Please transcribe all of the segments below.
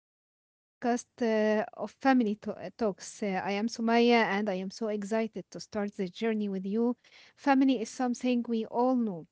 our podcast of Family Talks. I am Sumaya, and I am so excited to start this journey with you. Family is something we all know,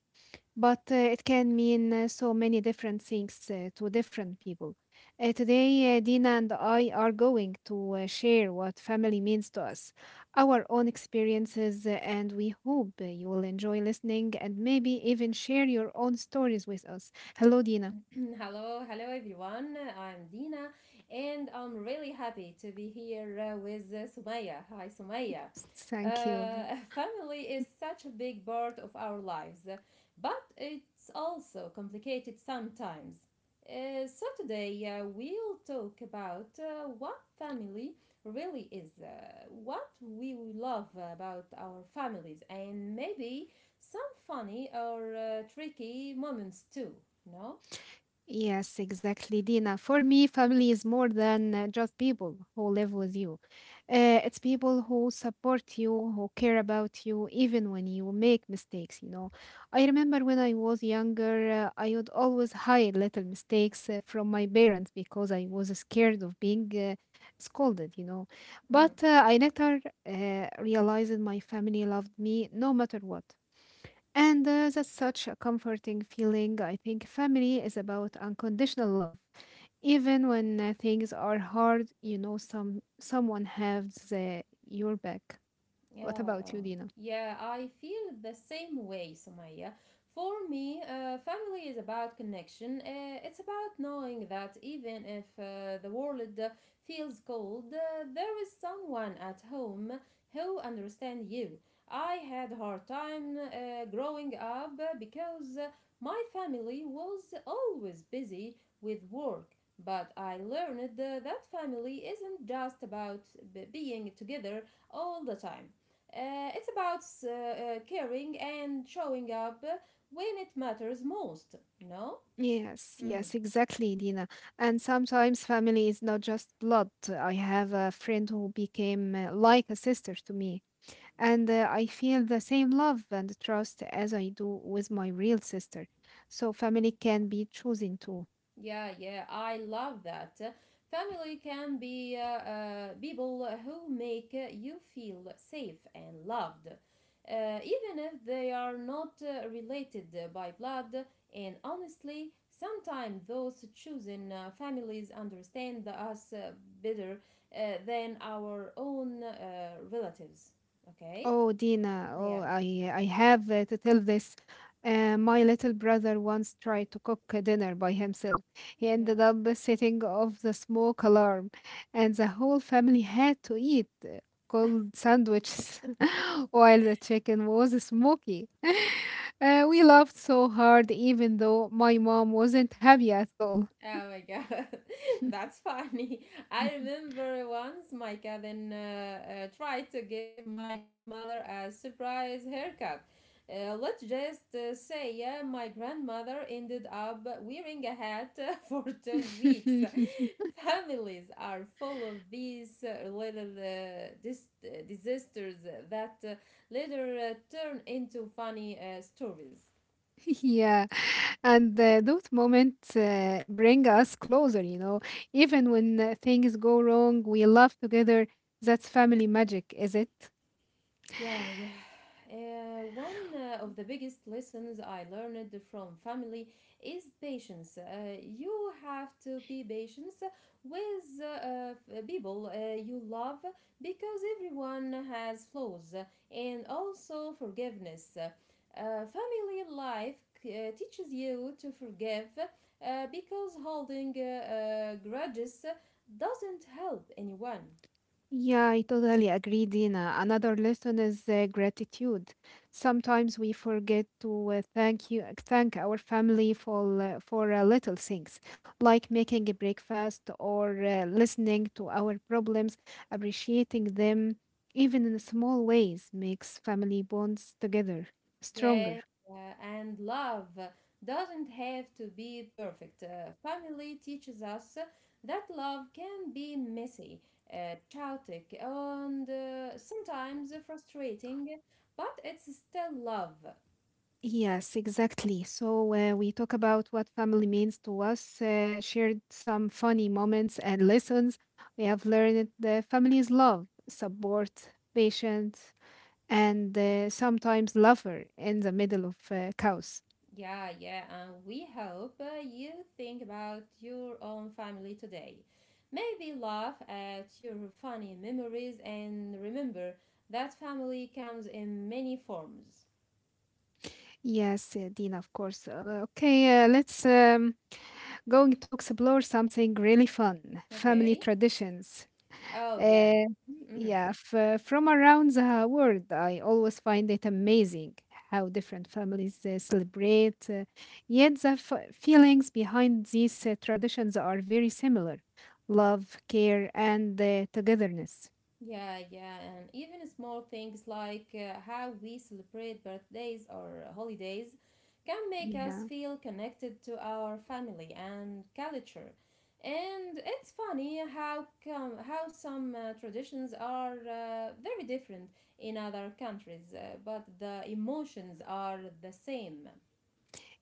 but it can mean so many different things to different people. Today, Dina and I are going to share what family means to us, our own experiences, and we hope you will enjoy listening and maybe even share your own stories with us. Hello, Dina. Hello, hello everyone. I'm Dina and I'm really happy to be here with Sumaya. Hi, Sumaya. Thank you. Family is such a big part of our lives, but it's also complicated sometimes. Today we'll talk about what family really is, what we love about our families, and maybe some funny or tricky moments too, no? Yes, exactly, Dina. For me, family is more than just people who live with you. It's people who support you, who care about you, even when you make mistakes. I remember when I was younger, I would always hide little mistakes from my parents because I was scared of being scolded. Mm-hmm. But I later realized my family loved me no matter what. And that's such a comforting feeling. I think family is about unconditional love. Even when things are hard, someone has your back. What Yeah, about um, you, Dina? yeah, I feel the same way, Sumaya. For me, family is about connection. It's about knowing that even if the world feels cold, there is someone at home who understands you. I had a hard time growing up because my family was always busy with work. But I learned that family isn't just about being together all the time. It's about caring and showing up when it matters most, no? Yes, Mm-hmm. yes, exactly, Dina. And sometimes family is not just blood. I have a friend who became like a sister to me, and I feel the same love and trust as I do with my real sister. So family can be chosen too. Yeah, yeah, I love that. Family can be people who make you feel safe and loved, even if they are not related by blood. And honestly, sometimes those chosen families understand us better than our own relatives. Okay? Oh, Dina, oh, Yeah. I have to tell this. My little brother once tried to cook a dinner by himself. He Yeah. ended up setting off the smoke alarm, and the whole family had to eat cold sandwiches while the chicken was smoky. We laughed so hard, even though my mom wasn't happy at all. Oh my god, that's funny. I Mhm. remember once my cousin tried to give my grandmother a surprise haircut. Let's just say, yeah, my grandmother ended up wearing a hat for 2 weeks. Families are full of these little disasters that later turn into funny stories. Yeah, and those moments bring us closer. Even when things go wrong, we laugh together. That's family magic, is it? Yeah, yeah. One of the biggest lessons I learned from family is patience. You have to be patient with people you love because everyone has flaws and also forgiveness. Family life teaches you to forgive because holding grudges doesn't help anyone. Yeah, I totally agree, Dina. Another lesson is gratitude. Sometimes we forget to thank our family for little things, like making a breakfast or listening to our problems, appreciating them, even in small ways, makes family bonds together stronger. Yeah, yeah, and love doesn't have to be perfect. Family teaches us that love can be messy, chaotic, and sometimes frustrating, but it's still love. Yes, exactly. So we talk about what family means to us, shared some funny moments and lessons. We have learned the family's love, support, patience, and sometimes lover in the middle of chaos. Yeah, yeah, and we hope you think about your own family today. Maybe laugh at your funny memories and remember that family comes in many forms. Yes, Dina, of course. Okay, let's going to explore something really fun: family Okay? traditions. Oh, yeah. Uh, hmm yeah, from around the world, I always find it amazing how different families celebrate. Yet the feelings behind these traditions are very similar: love, care, and togetherness. Yeah, yeah, and even small things like how we celebrate birthdays or holidays can make us Yeah, feel connected to our family and culture. And it's funny how come how some traditions are very different in other countries, but the emotions are the same.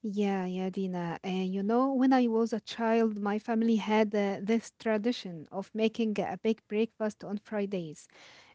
yeah, yeah, Dina. You know, when I was a child, my family had this tradition of making a big breakfast on Fridays.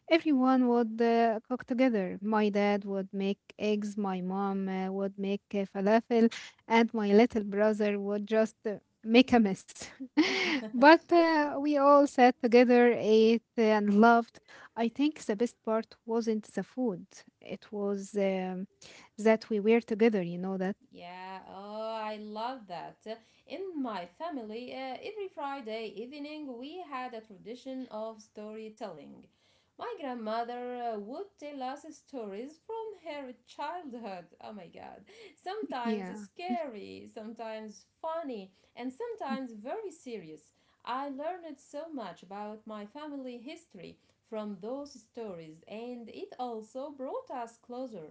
Everyone would cook together. My dad would make eggs, my mom would make falafel, and my little brother would just make a mess. But we all sat together, ate, and loved. I think the best part wasn't the food, it was that we were together, you know that? Yeah, oh, I love that. In my family, every Friday evening we had a tradition of storytelling. My grandmother would tell us stories from her childhood. Oh my god. Sometimes Yeah. scary, sometimes funny, and sometimes very serious. I learned so much about my family history from those stories, and it also brought us closer.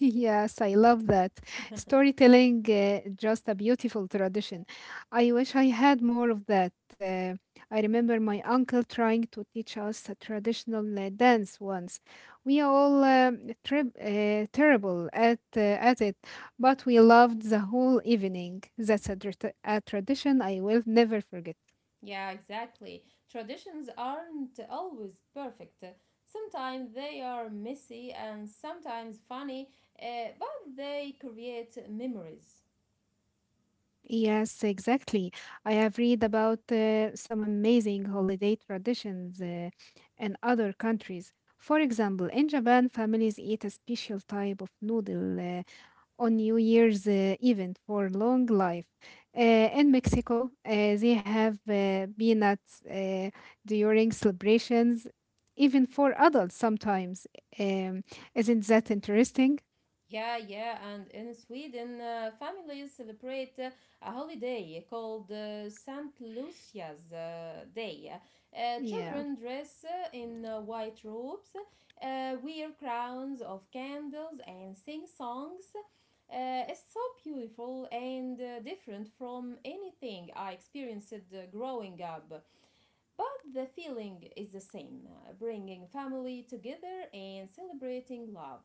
Yes, I love that. Storytelling, just a beautiful tradition. I wish I had more of that. I remember my uncle trying to teach us a traditional dance once. We all terrible at it, but we loved the whole evening. That's a tradition I will never forget. Yeah, exactly. Traditions aren't always perfect. Sometimes they are messy and sometimes funny, but they create memories. Yes, exactly. I have read about some amazing holiday traditions in other countries. For example, in Japan, families eat a special type of noodle on New Year's event for long life. In Mexico, they have peanuts during celebrations, even for adults sometimes. Um, isn't that interesting? Yeah, yeah, and in Sweden, families celebrate a holiday called Saint Lucia's Day. Yeah. Children dress in white robes, wear crowns of candles, and sing songs. It's so beautiful and different from anything I experienced growing up. But the feeling is the same, bringing family together and celebrating love.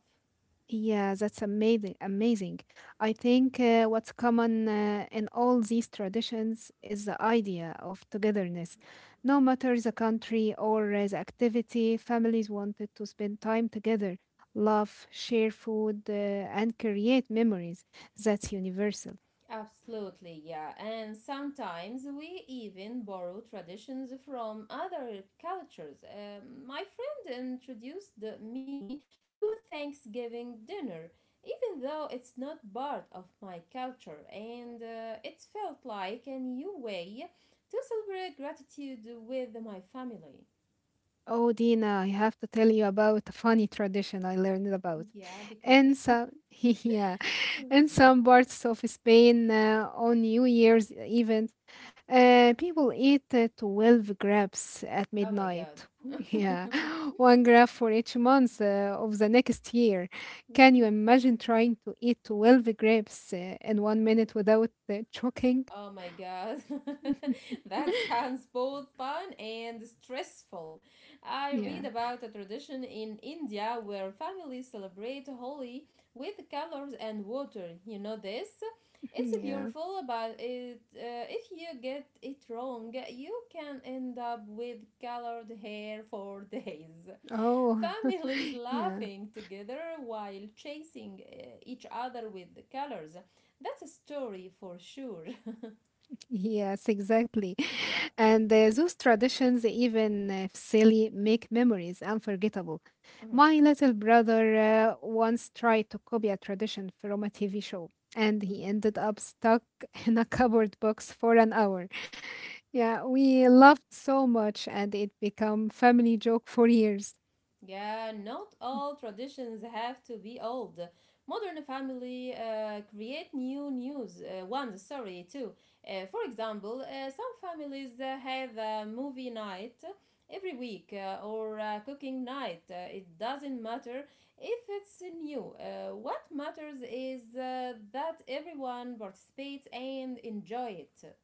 Yeah, that's amazing. Amazing. I think what's common in all these traditions is the idea of togetherness. No matter the country or the activity, families wanted to spend time together, laugh, share food, and create memories. That's universal. Absolutely, yeah. And sometimes we even borrow traditions from other cultures. My friend introduced me to Thanksgiving dinner, even though it's not part of my culture, and it felt like a new way to celebrate gratitude with my family. Oh, Dina, I have to tell you about a funny tradition I learned about. Yeah, In because. some, yeah, in some parts of Spain, on New Year's event, people eat 12 grapes at Oh my midnight. god. Yeah, one grape for each month of the next year. Can you imagine trying to eat 12 grapes in 1 minute without choking? Oh my god, that sounds both fun and stressful. I Yeah, read about a tradition in India where families celebrate Holi with colors and water. You know this? It's yeah. beautiful, but it, if you get it wrong, you can end up with colored hair for days. Oh, Families yeah. laughing together while chasing each other with the colors. That's a story for sure. Yes, exactly. Yeah. And those traditions, even if silly, make memories unforgettable. Mhm. My little brother once tried to copy a tradition from a TV show, and he Mhm. ended up stuck in a cardboard box for an hour. Yeah, we laughed so much, and it became family joke for years. Yeah, not Hm. all traditions have to be old. Modern family create new news ones, sorry, too. For example, some families have a movie night every week or a cooking night. It doesn't matter if it's new. What matters is that everyone participates and enjoy it.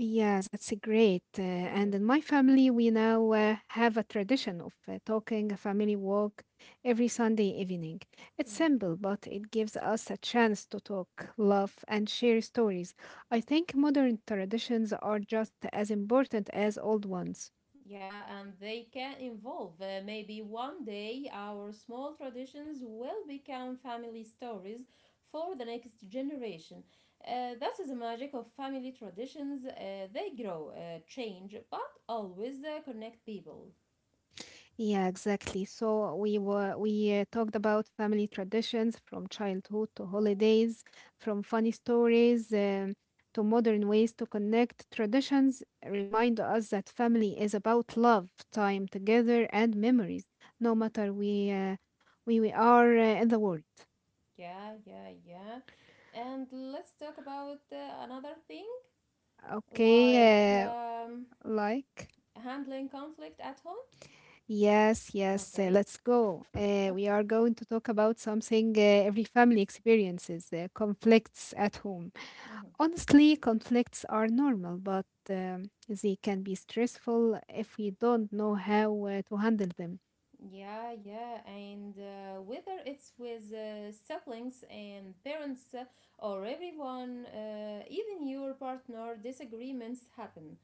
Yeah, that's great. And Mhm. in my family, we now have a tradition of talking a family walk every Sunday evening. It's Yeah. simple, but it gives us a chance to talk, laugh, and share stories. I think modern traditions are just as important as old ones. Yeah, and they can evolve. Maybe one day our small traditions will become family stories for the next generation. That is the magic of family traditions. They grow, change, but always connect people. Yeah, exactly. So we talked about family traditions from childhood to holidays, from funny stories to modern ways to connect. Traditions remind us that family is about love, time together, and memories, no matter we are in the world. Yeah, yeah, yeah. And let's talk about another thing like Okay, like. handling conflict at home. Yes, yes, Okay, let's go. We okay. are going to talk about something every family experiences, conflicts at home. Mm-hmm. Honestly, conflicts are normal, but they can be stressful if we don't know how to handle them. Yeah, yeah, and whether it's with siblings and parents or everyone, even your partner, disagreements happen.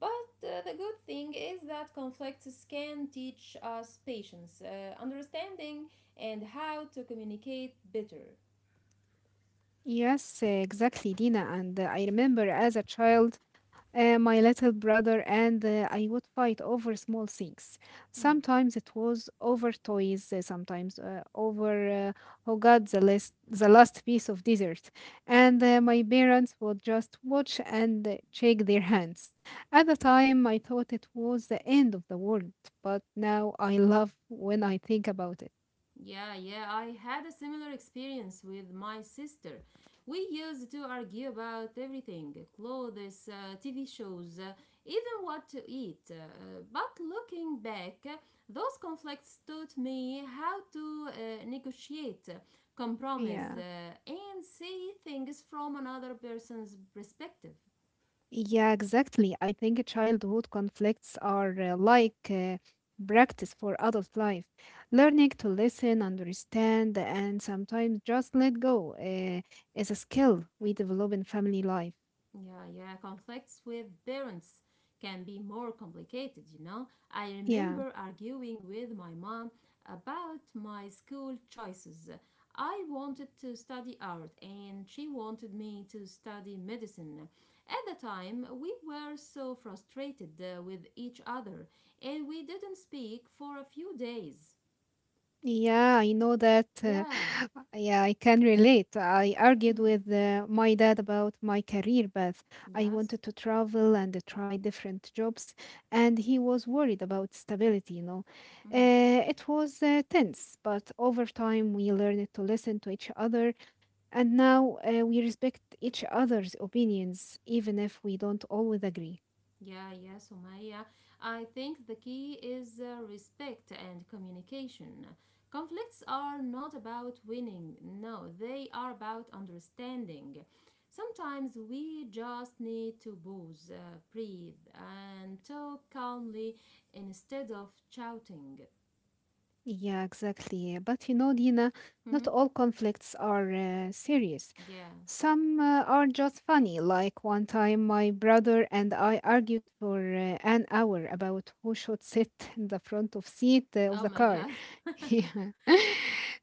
But the good thing is that conflicts can teach us patience, understanding, and how to communicate better. Yes, exactly, Dina. And I remember as a child, my little brother and I would fight over small things. Sometimes it was over toys, sometimes over oh god the last piece of dessert. And my parents would just watch and shake their hands. At the time, I thought it was the end of the world, but now I love when I think about it. Yeah, yeah, I had a similar experience with my sister. We used to argue about everything clothes, TV shows, even what to eat. But looking back, those conflicts taught me how to negotiate, compromise, Yeah. And see things from another person's perspective. Yeah, exactly. I think childhood conflicts are like practice for adult life. Learning to listen, understand, and sometimes just let go is a skill we develop in family life. Yeah, yeah, conflicts with parents can be more complicated, you know. I Yeah. remember arguing with my mom about my school choices. I wanted to study art and she wanted me to study medicine. At the time, we were so frustrated with each other and we didn't speak for a few days. Yeah, I know that. Yeah. Yeah, I can relate. I argued Mhm. with my dad about my career path. I Yes. wanted to travel and try different jobs, and he was worried about stability. Mhm. It was tense, but over time we learned to listen to each other, and now we respect each other's opinions, even if we don't always agree. Yeah, yeah, Sumaya. I think the key is respect and communication. Conflicts are not about winning, no, they are about understanding. Sometimes we just need to pause, breathe, and talk calmly instead of shouting. Yeah, exactly. But you know, Dina, not Mhm. all conflicts are serious. Yeah. Some are just funny. Like one time, my brother and I argued for an hour about who should sit in the front of seat of Oh the my car. God. Yeah.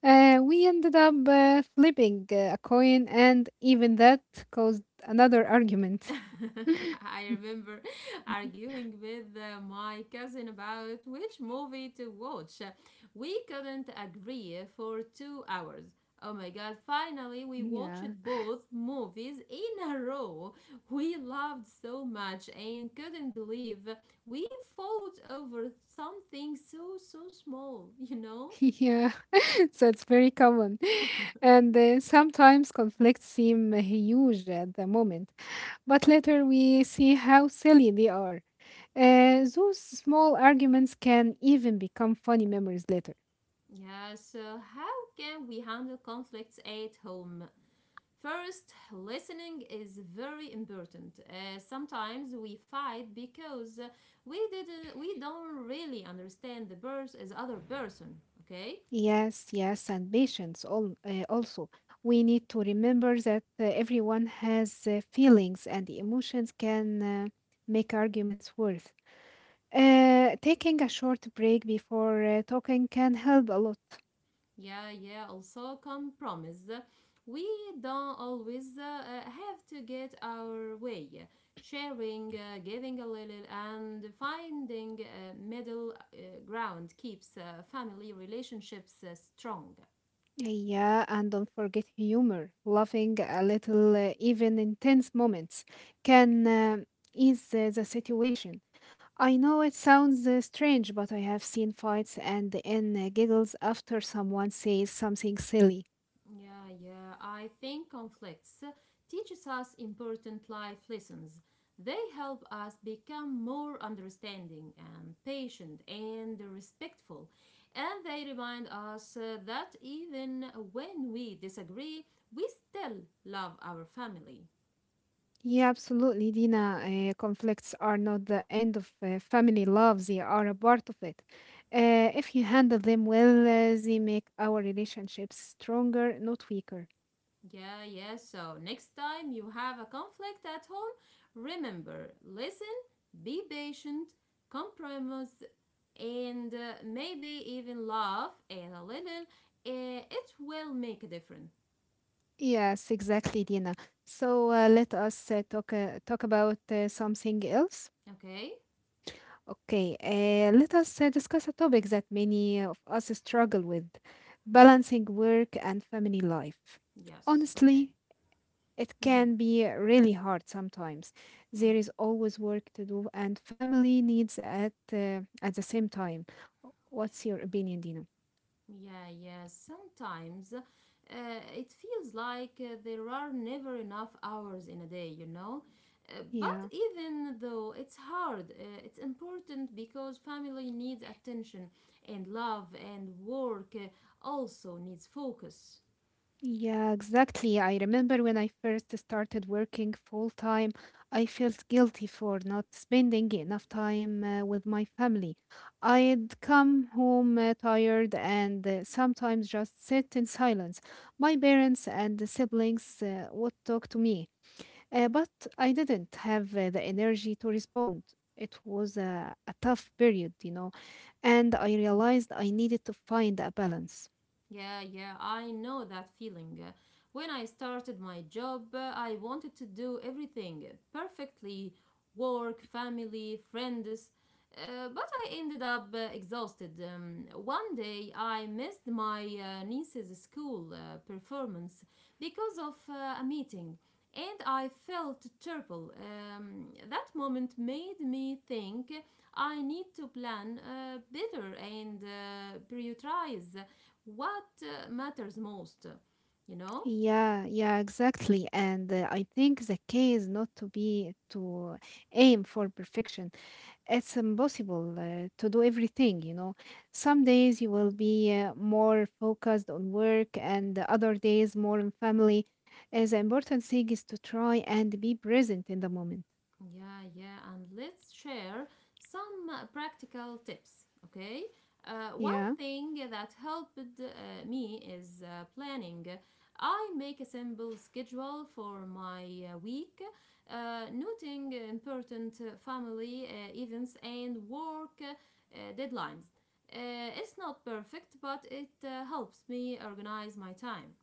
We ended up flipping a coin, and even that caused another argument. I remember arguing with my cousin about which movie to watch. We couldn't agree for 2 hours. Oh my god, finally we watched Yeah. both movies in a row. We loved so much and couldn't believe we fought over something so small, you know? Yeah, so it's very common. And sometimes conflicts seem huge at the moment, but later we see how silly they are. Those small arguments can even become funny memories later. Yeah, so how can we handle conflicts at home? First, listening is very important. Sometimes we fight because we don't really understand the pers- as other person. Okay? Yes, yes, and patience all, also. We need to remember that everyone has feelings and emotions can make arguments worth. Taking a short break before talking can help a lot. Yeah, yeah. Also, compromise. We don't always have to get our way. Sharing, giving a little, and finding a middle ground keeps family relationships strong. Yeah, and don't forget humor. Laughing a little, even intense moments, can ease the situation. I know it sounds strange, but I have seen fights and the end giggles after someone says something silly. Yeah, yeah. I think conflicts teaches us important life lessons. They help us become more understanding and patient and respectful. And they remind us that even when we disagree, we still love our family. Yeah, absolutely, Dina. Conflicts are not the end of family love, they are a part of it. If you handle them well, they make our relationships stronger, not weaker. Yeah, yeah. So next time you have a conflict at home, remember listen, be patient, compromise, and maybe even laugh and a little. It will make a difference. Yes, exactly, Dina. So let us talk about something else. Okay? Okay, let us discuss a topic that many of us struggle with: balancing work and family life. Yes. Okay. Honestly, it can be really hard sometimes. There is always work to do and family needs at the same time. What's your opinion, Dina? Yeah, yeah. Sometimes it feels like there are never enough hours in a day, you know? But Yeah. even though it's hard, it's important because family needs attention and love, and work also needs focus. Yeah, exactly. I remember when I first started working full time, I felt guilty for not spending enough time with my family. I'd come home tired and sometimes just sit in silence. My parents and the siblings would talk to me, but I didn't have the energy to respond. It was a tough period, you know, and I realized I needed to find a balance. Yeah, yeah, I know that feeling. When I started my job, I wanted to do everything perfectly work, family, friends. But I ended up exhausted. One day I missed my niece's school performance because of a meeting and I felt terrible. That moment made me think I need to plan better and prioritize what matters most, you know? Yeah, yeah, exactly. And I think the key is not to aim for perfection. It's impossible to do everything, you know. Some days you will be more focused on work, and the other days more on family. The important thing is to try and be present in the moment. Yeah, yeah, and let's share some practical tips, okay? One Yeah. thing that helped me is planning. I make a simple schedule for my week, noting important family events and work deadlines. It's not perfect, but it helps me organize my time.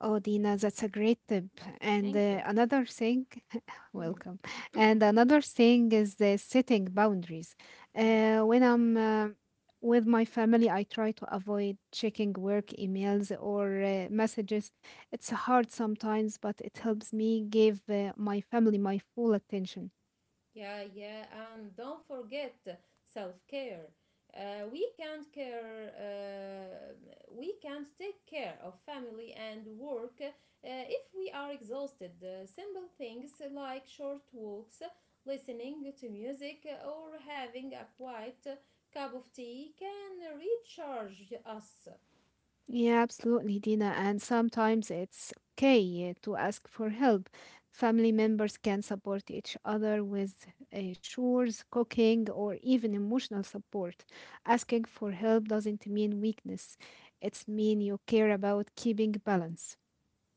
Oh, Dina, that's a great tip. And Thank uh, you. another thing, Mhm. welcome. And another thing is the setting boundaries. Mhm. When I'm with my family, I try to avoid checking work emails or messages. It's hard sometimes, but it helps me give my family my full attention. Yeah, yeah, and don't forget self care. Uh, we can't care. Uh, we can't take care of family and work if we are exhausted. Simple things like short walks, listening to music, or having a quiet cup of tea can recharge us. Yeah, absolutely, Dina. And sometimes it's okay to ask for help. Family members can support each other with chores, cooking, or even emotional support. Asking for help doesn't mean weakness. It's mean you care about keeping balance.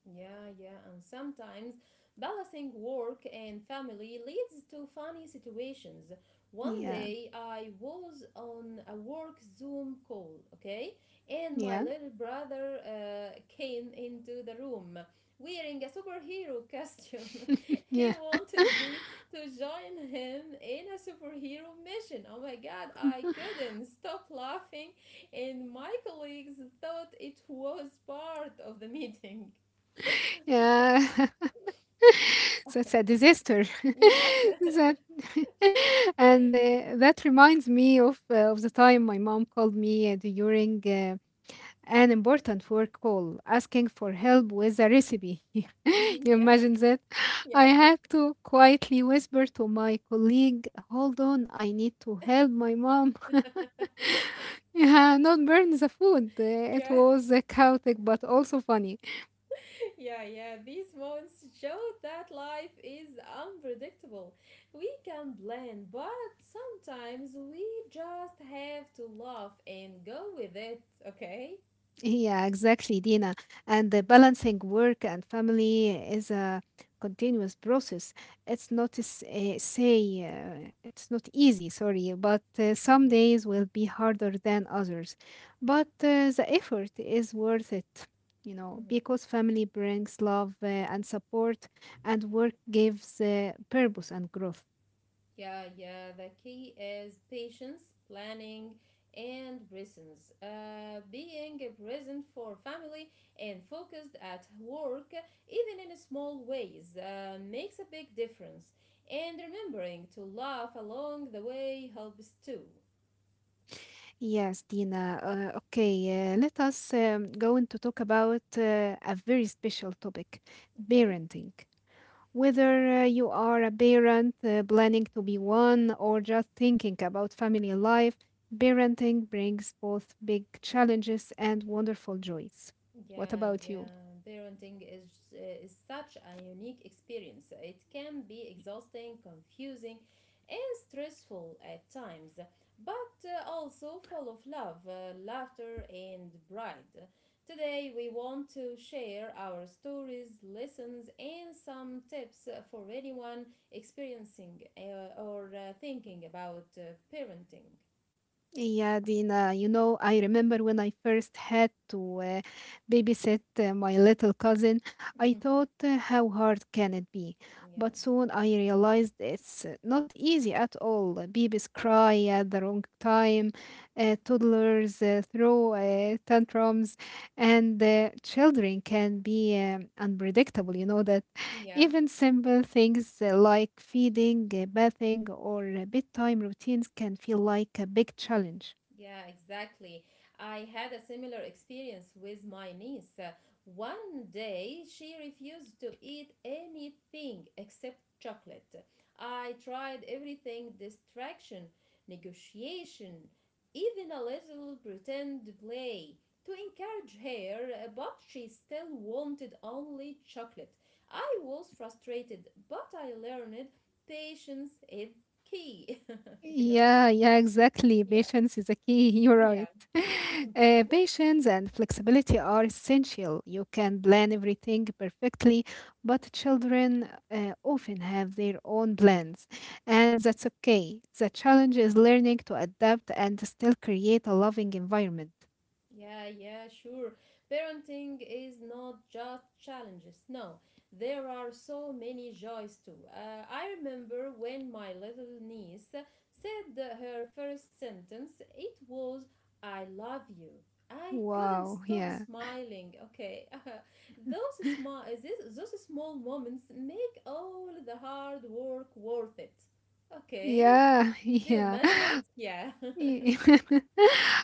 Yeah, yeah, and sometimes balancing work and family leads to funny situations. One Yeah, day I was on a work Zoom call, okay, and my yeah, little brother came into the room wearing a superhero costume. yeah, He wanted me to join him in a superhero mission. Oh my god, I couldn't stop laughing, and my colleagues thought it was part of the meeting. yeah. That's a disaster. Yeah, that sure. and that reminds me of the time my mom called me during. An important work call asking for help with a recipe. Mhm. you Yeah, imagine that? I yeah, had to quietly whisper to my colleague, hold on, I need to help my mom. Yeah, not burn the food. It yeah, was chaotic but also funny. yeah, yeah. These moments show that life is unpredictable. We can plan, but sometimes we just have to laugh and go with it, okay? Yeah, exactly, Dina. And the balancing work and family is a continuous process. It's not s- say it's not easy, sorry, but some days will be harder than others. But the effort is worth it, you know, because family brings love and support, and work gives purpose and growth. Yeah, yeah. The key is patience, planning, and presence. Being present for family and focused at work, even in small ways, makes a big difference. And remembering to laugh along the way helps too. Yes, Dina. Okay, let us go into talk about a very special topic, Okay? parenting. Yeah. Whether you are a parent planning to be one or just thinking about family life, parenting brings both big challenges and wonderful joys. What Yeah, about you? yeah. Parenting is such a unique experience. It can be exhausting, confusing, and stressful at times, but also full of love, laughter, and pride. Today, we want to share our stories, lessons, and some tips for anyone experiencing or thinking about parenting. Yeah, Dina, you know, I remember when I first had to babysit my little cousin, I thought, how hard can it be? But Yeah, soon I realized it's not easy at all. Babies cry at the wrong time, toddlers throw tantrums, and children can be unpredictable. You know that. yeah. Even simple things like feeding, bathing, or bedtime routines can feel like a big challenge. Yeah, exactly. I had a similar experience with my niece. One day she refused to eat anything except chocolate. I tried everything, distraction, negotiation, even a little pretend play to encourage her, but she still wanted only chocolate. I was frustrated, but I learned patience is key, you know? Yeah, yeah, exactly. Yeah, Patience is a key. You're yeah. right. Patience and flexibility are essential. You can plan everything perfectly, but children often have their own plans, and that's okay. The challenge is learning to adapt and still create a loving environment. Yeah, yeah, sure. Parenting is not just challenges. No, there are so many joys too. I remember when my little niece said her first sentence, it was, I love you. I couldn't Wow, stop yeah. smiling. Okay, those small moments make all the hard work worth it. Okay, Yeah, do you yeah. imagine it? Yeah. oh Y-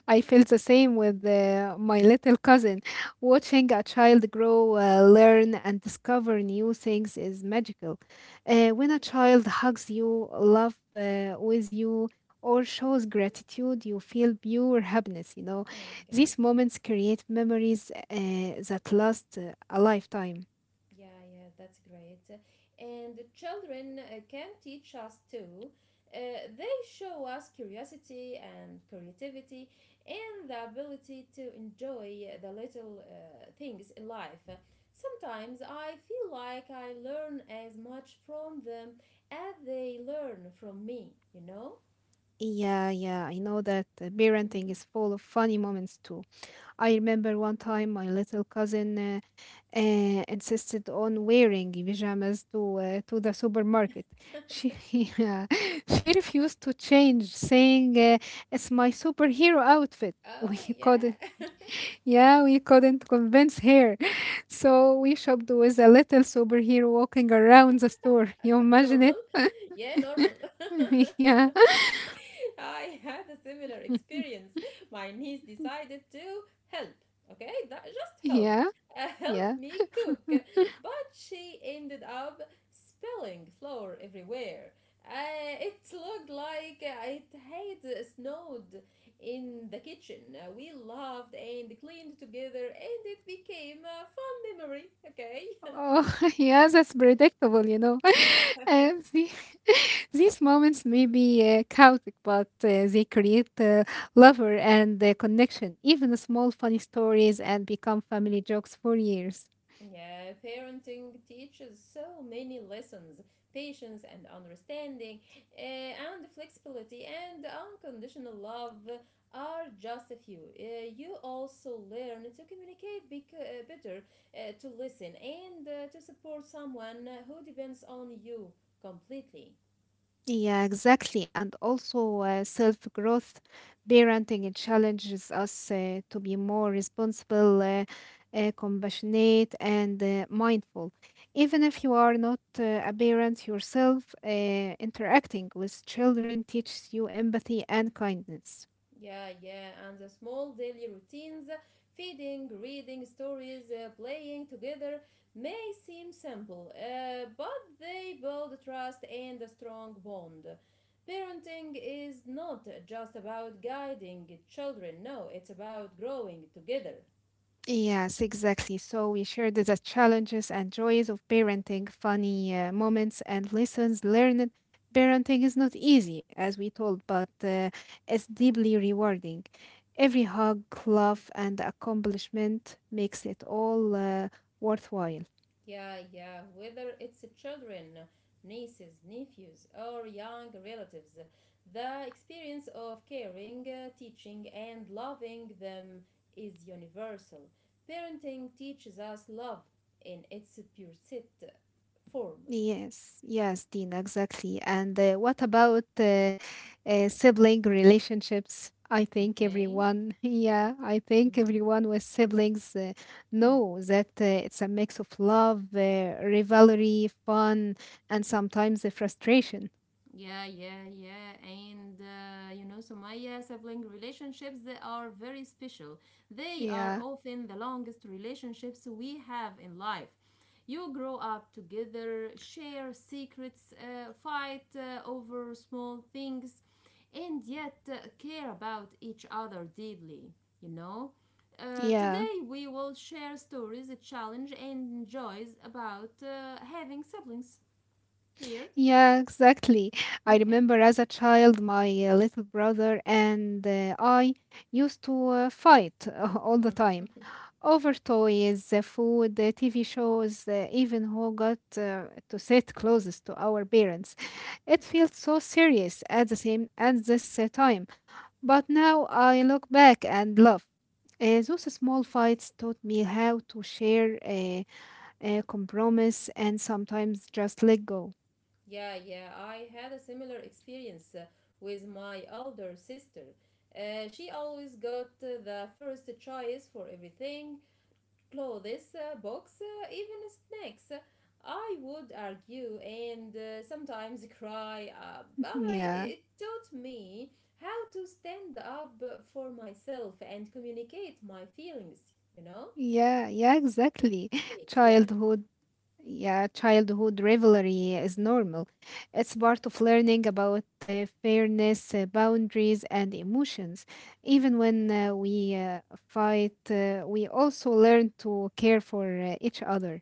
I feel the same with my little cousin. Watching a child grow, learn, and discover new things is magical. When a child hugs you, love with you, or shows gratitude, you feel pure happiness. You know, my god. these moments create memories that last a lifetime. Yeah, yeah, that's great. And the children can teach us too. They show us curiosity and creativity and the ability to enjoy the little things in life. Sometimes I feel like I learn as much from them as they learn from me, you know? Yeah, yeah, I know that parenting Mhm. is full of funny moments too. I remember one time my little cousin insisted on wearing pajamas to the supermarket. She yeah, she refused to change, saying, "It's my superhero outfit." We Oh, yeah. couldn't, yeah, we couldn't convince her, so we shopped with a little superhero walking around the store. You imagine it? Normal. Yeah, normal. yeah, I had a similar experience. My niece decided to help, okay? That, just help. yeah, Help yeah. me cook. But she ended up spilling flour everywhere. It looked like it had snowed in the kitchen. We laughed and cleaned together, and it became a fun memory, okay? Oh, yeah, that's predictable, you know. Uh, the, these moments may be chaotic, but they create lover and connection, even small funny stories, and become family jokes for years. Yeah, parenting teaches so many lessons, patience and understanding, and flexibility and unconditional love are just a few. You also learn to communicate better, to listen, and to support someone who depends on you completely. Yeah, exactly. And also, self growth parenting it challenges us to be more responsible, compassionate, and mindful. Even if you are not a parent yourself, interacting with children teaches you empathy and kindness. Yeah, yeah, and the small daily routines, feeding, reading stories, playing together, may seem simple, but they build trust and a strong bond. Parenting is not just about guiding children, no, it's about growing together. Yes, exactly. So we shared the challenges and joys of parenting, funny moments and lessons learned. Parenting is not easy, as we told, but it's deeply rewarding. Every hug, laugh, and accomplishment makes it all worthwhile. Yeah, yeah, whether it's children, nieces, nephews, or young relatives, the experience of caring, teaching, and loving them is universal. Parenting teaches us love in its purest form, Yes, yes, Dina, exactly. And what about sibling relationships? I think okay? everyone, yeah, I think everyone with siblings know that it's a mix of love, rivalry, fun, and sometimes the frustration. Yeah, yeah, yeah. And you know, Sumaya, sibling relationships, they are very special. They are Yeah, often the longest relationships we have in life. You grow up together, share secrets, fight over small things, and yet care about each other deeply, you know? Yeah, Today we will share stories, a challenge, and joys about having siblings here. yeah, exactly. I Okay. remember as a child, my little brother and I used to fight all the time over toys, food, TV shows, even who got to sit closest to our parents. It feels so serious at the same at this time, but now I look back and laugh. Those small fights taught me how to share, compromise, and sometimes just let go. Yeah, yeah, I had a similar experience with my older sister. She always got the first choice for everything, clothes, books, even snacks. I would argue and sometimes cry, yeah, it taught me how to stand up for myself and communicate my feelings, you know? yeah, yeah, She- exactly. Yeah. Childhood Yeah, childhood rivalry is normal. It's part of learning about fairness, boundaries, and emotions. Even when we fight, we also learn to care for each other.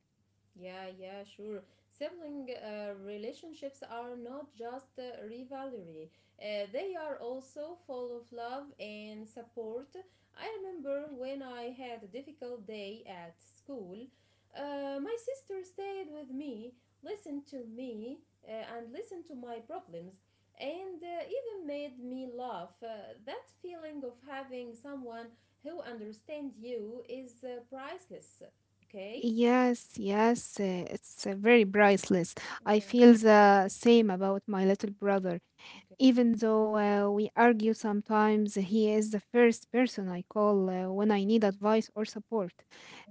Yeah, yeah, sure. Sibling relationships are not just rivalry, they are also full of love and support. I remember when I had a difficult day at school, my sister stayed with me, listened to me, and listened to my problems, and even made me laugh. That feeling of having someone who understands you is priceless. Okay? Yes, yes, it's very priceless. I Yeah. feel the same about my little brother. Okay. Even though we argue sometimes, he is the first person I call when I need advice or support.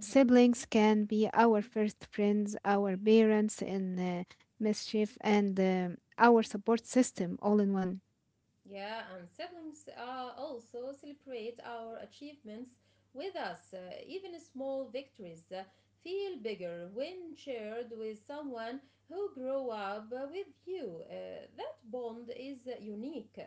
Mhm. can be our first friends, our parents in mischief, and our support system all in one. Yeah, and siblings also celebrate our achievements with us. Even small victories feel bigger when shared with someone who grew up with you. That bond is unique.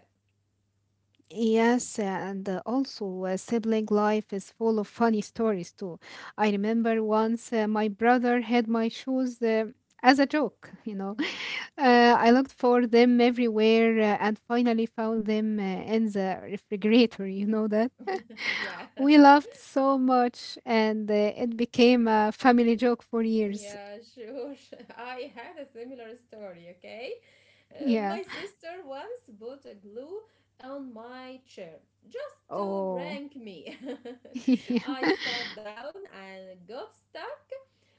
Yes, and also sibling life is full of funny stories too. I remember once my brother had my shoes as a joke, you know. Mhm. I looked for them everywhere and finally found them in the refrigerator, you know that. yeah, We laughed so much and it became a family joke for years. yeah, sure. I had a similar story, okay? Yeah. My sister once put a glue on my chair just to Oh. prank me. yeah. I sat down and got stuck.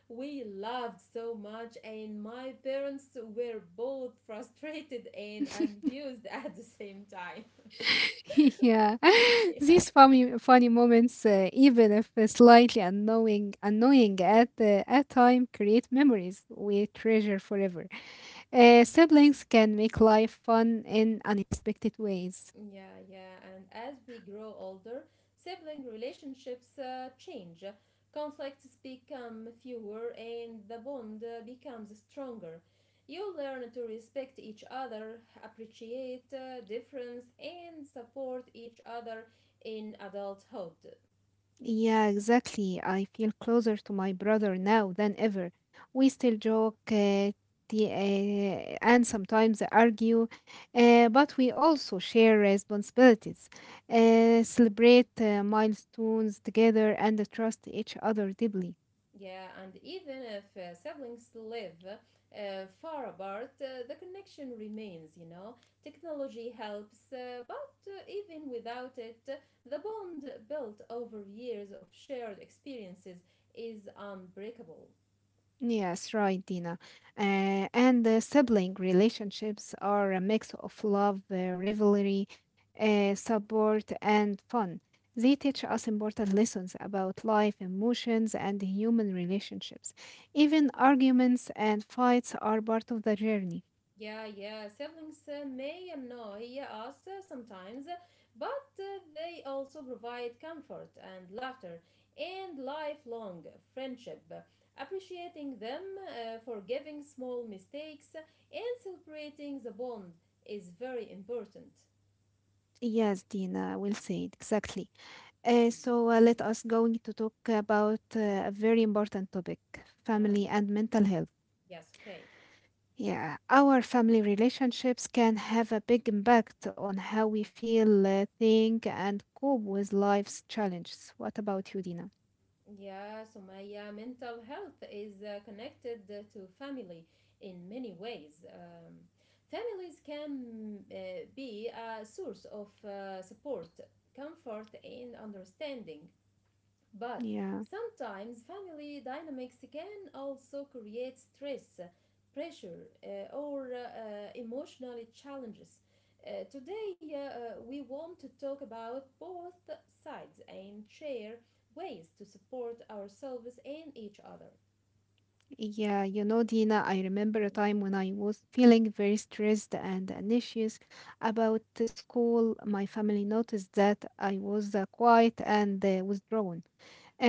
We laughed so much, and my parents were both frustrated and amused at the same time. yeah, Yeah. these funny funny moments, even if slightly annoying, annoying at time, create memories we treasure forever. Siblings can make life fun in unexpected ways. Yeah, yeah. And as we grow older, sibling relationships change. Conflicts become fewer and the bond becomes stronger. You learn to respect each other, appreciate difference, and support each other in adulthood. Yeah, exactly. I feel closer to my brother now than ever. We still joke, and sometimes argue, but we also share responsibilities, celebrate milestones together, and trust each other deeply. Yeah, and even if siblings live far apart, the connection remains, you know. Technology helps, but even without it, the bond built over years of shared experiences is unbreakable. Yes, right, Dina. And the sibling relationships are a mix of love, rivalry, support, and fun. They teach us important lessons about life, emotions, and human relationships. Even arguments and fights are part of the journey. Yeah, yeah, siblings may annoy us sometimes, but they also provide comfort and laughter and lifelong friendship. Appreciating them, forgiving small mistakes, and celebrating the bond is very important. Yes, Dina, will say it exactly. So let us going to talk about a very important topic, Yeah, family and mental health. yes, okay. Yeah, our family relationships can have a big impact on how we feel, think, and cope with life's challenges. What about you, Dina? Yeah, Sumaya, mental health is connected to family in many ways. Families can be a source of support, comfort, and understanding. But Yeah, sometimes family dynamics can also create stress, pressure, or emotional challenges. Today, we want to talk about both sides and share ways to support ourselves and each other. yeah, you know, Dina, I remember a Mhm. time when I was feeling very stressed and anxious about the school. My family noticed that I was quiet and withdrawn.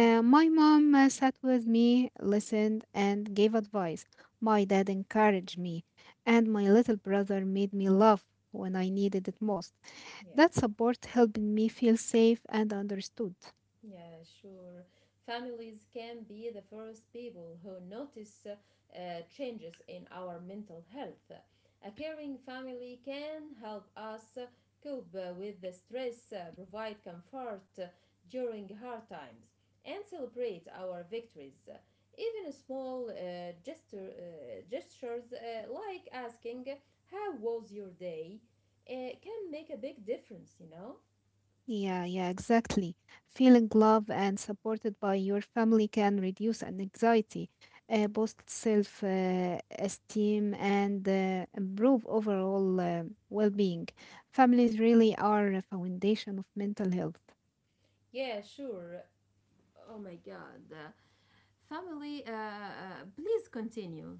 Mm. My mom sat with me, listened, and gave advice. My dad encouraged me, and my little brother made me laugh when I needed it most. Yeah. That support helped me feel safe and understood. Yeah, sure. Families can be the first people who notice changes in our mental health. A caring family can help us cope with the stress, provide comfort during hard times, and celebrate our victories. Even small gestures like asking, how was your day? uh, can make a big difference, you know? Yeah, yeah, exactly. Feeling loved and supported by your family can reduce an anxiety, boost self esteem, and improve overall well being. Families really are a foundation of mental health. Yeah, sure. Oh my god. Family, please continue.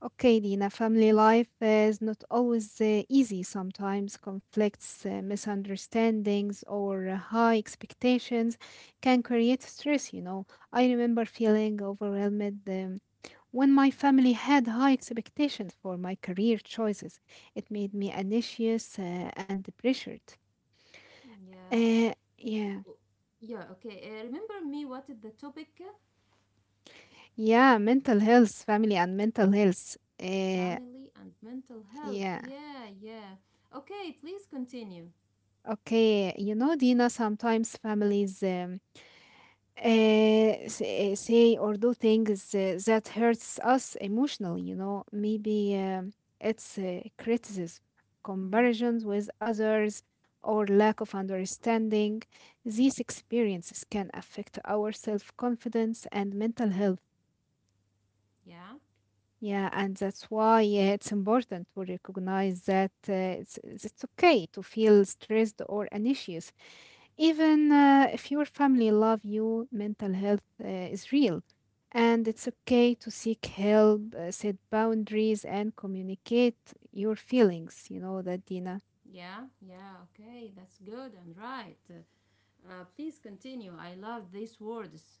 Okay, Dina, family life is not always easy sometimes. Conflicts, misunderstandings, or high expectations can create stress, you know. I remember feeling overwhelmed when my family had high expectations for my career choices. It made me anxious and pressured. Yeah. Yeah, O- Yeah, okay. Remember me, what is the topic? yeah, mental health, family, and mental health. Family and mental health. Yeah, Yeah, yeah. Okay, please continue. okay, you know, Dina, sometimes families. Say or do things that hurts us emotionally, you know, maybe it's criticism, Mm-hmm. comparisons with others, or lack of understanding. These experiences can affect our self-confidence and mental health. Yeah, Yeah, and that's why it's important to recognize that it's okay to feel stressed or anxious. Even if your family love you, mental health is real. And it's okay to seek help, set boundaries, and communicate your feelings. You know that, Dina. yeah, yeah. Okay, that's good and right. Please continue. I love these words.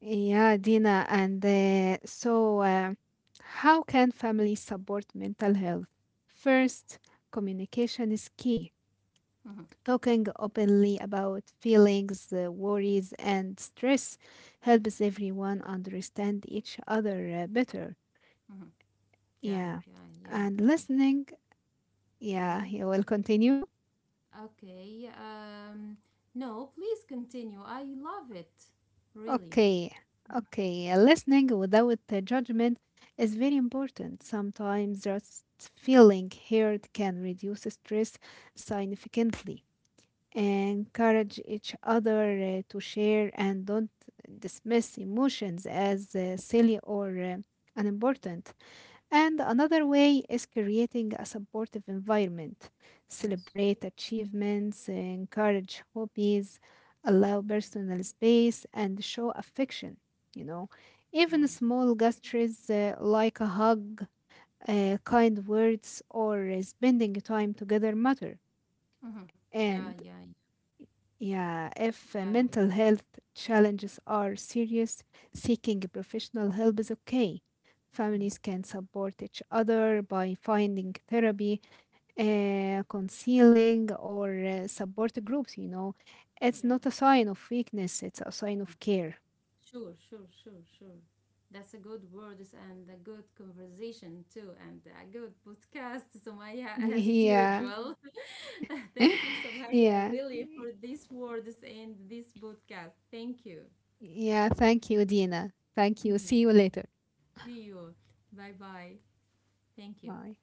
Yeah, Dina. How can families support mental health? First, communication is key. Mm-hmm. Talking openly about feelings, worries, and stress helps everyone understand each other better. Mm-hmm. Yeah, Yeah. yeah, yeah, And listening, yeah, yeah. you will continue. Okay. No, please continue. I love it. Really. Okay. Okay. Listening without judgment is very important. Sometimes just feeling heard can reduce stress significantly. Encourage each other to share and don't dismiss emotions as silly or unimportant. And another way is creating a supportive environment. Yes. Celebrate achievements, encourage hobbies, allow personal space, and show affection. You know, Yeah. even small gestures like a hug, kind words, or spending time together matter. Mm-hmm. Yeah, And yeah, yeah, if yeah. mental health challenges are serious, seeking a professional help is okay. Mm-hmm. Families can support each other by finding therapy, counseling, or support groups. You know, it's Yeah. not a sign of weakness, it's a sign of care. Sure, sure, sure, sure. That's a good words and a good conversation too, and a good podcast, Sumaya, as yeah, usual. Thank you, Sumaya, yeah, really for these words and this podcast. Thank you. yeah. Thank you, Dina. Thank you. Mhm. See you later. See you. Bye bye. Thank you. Bye.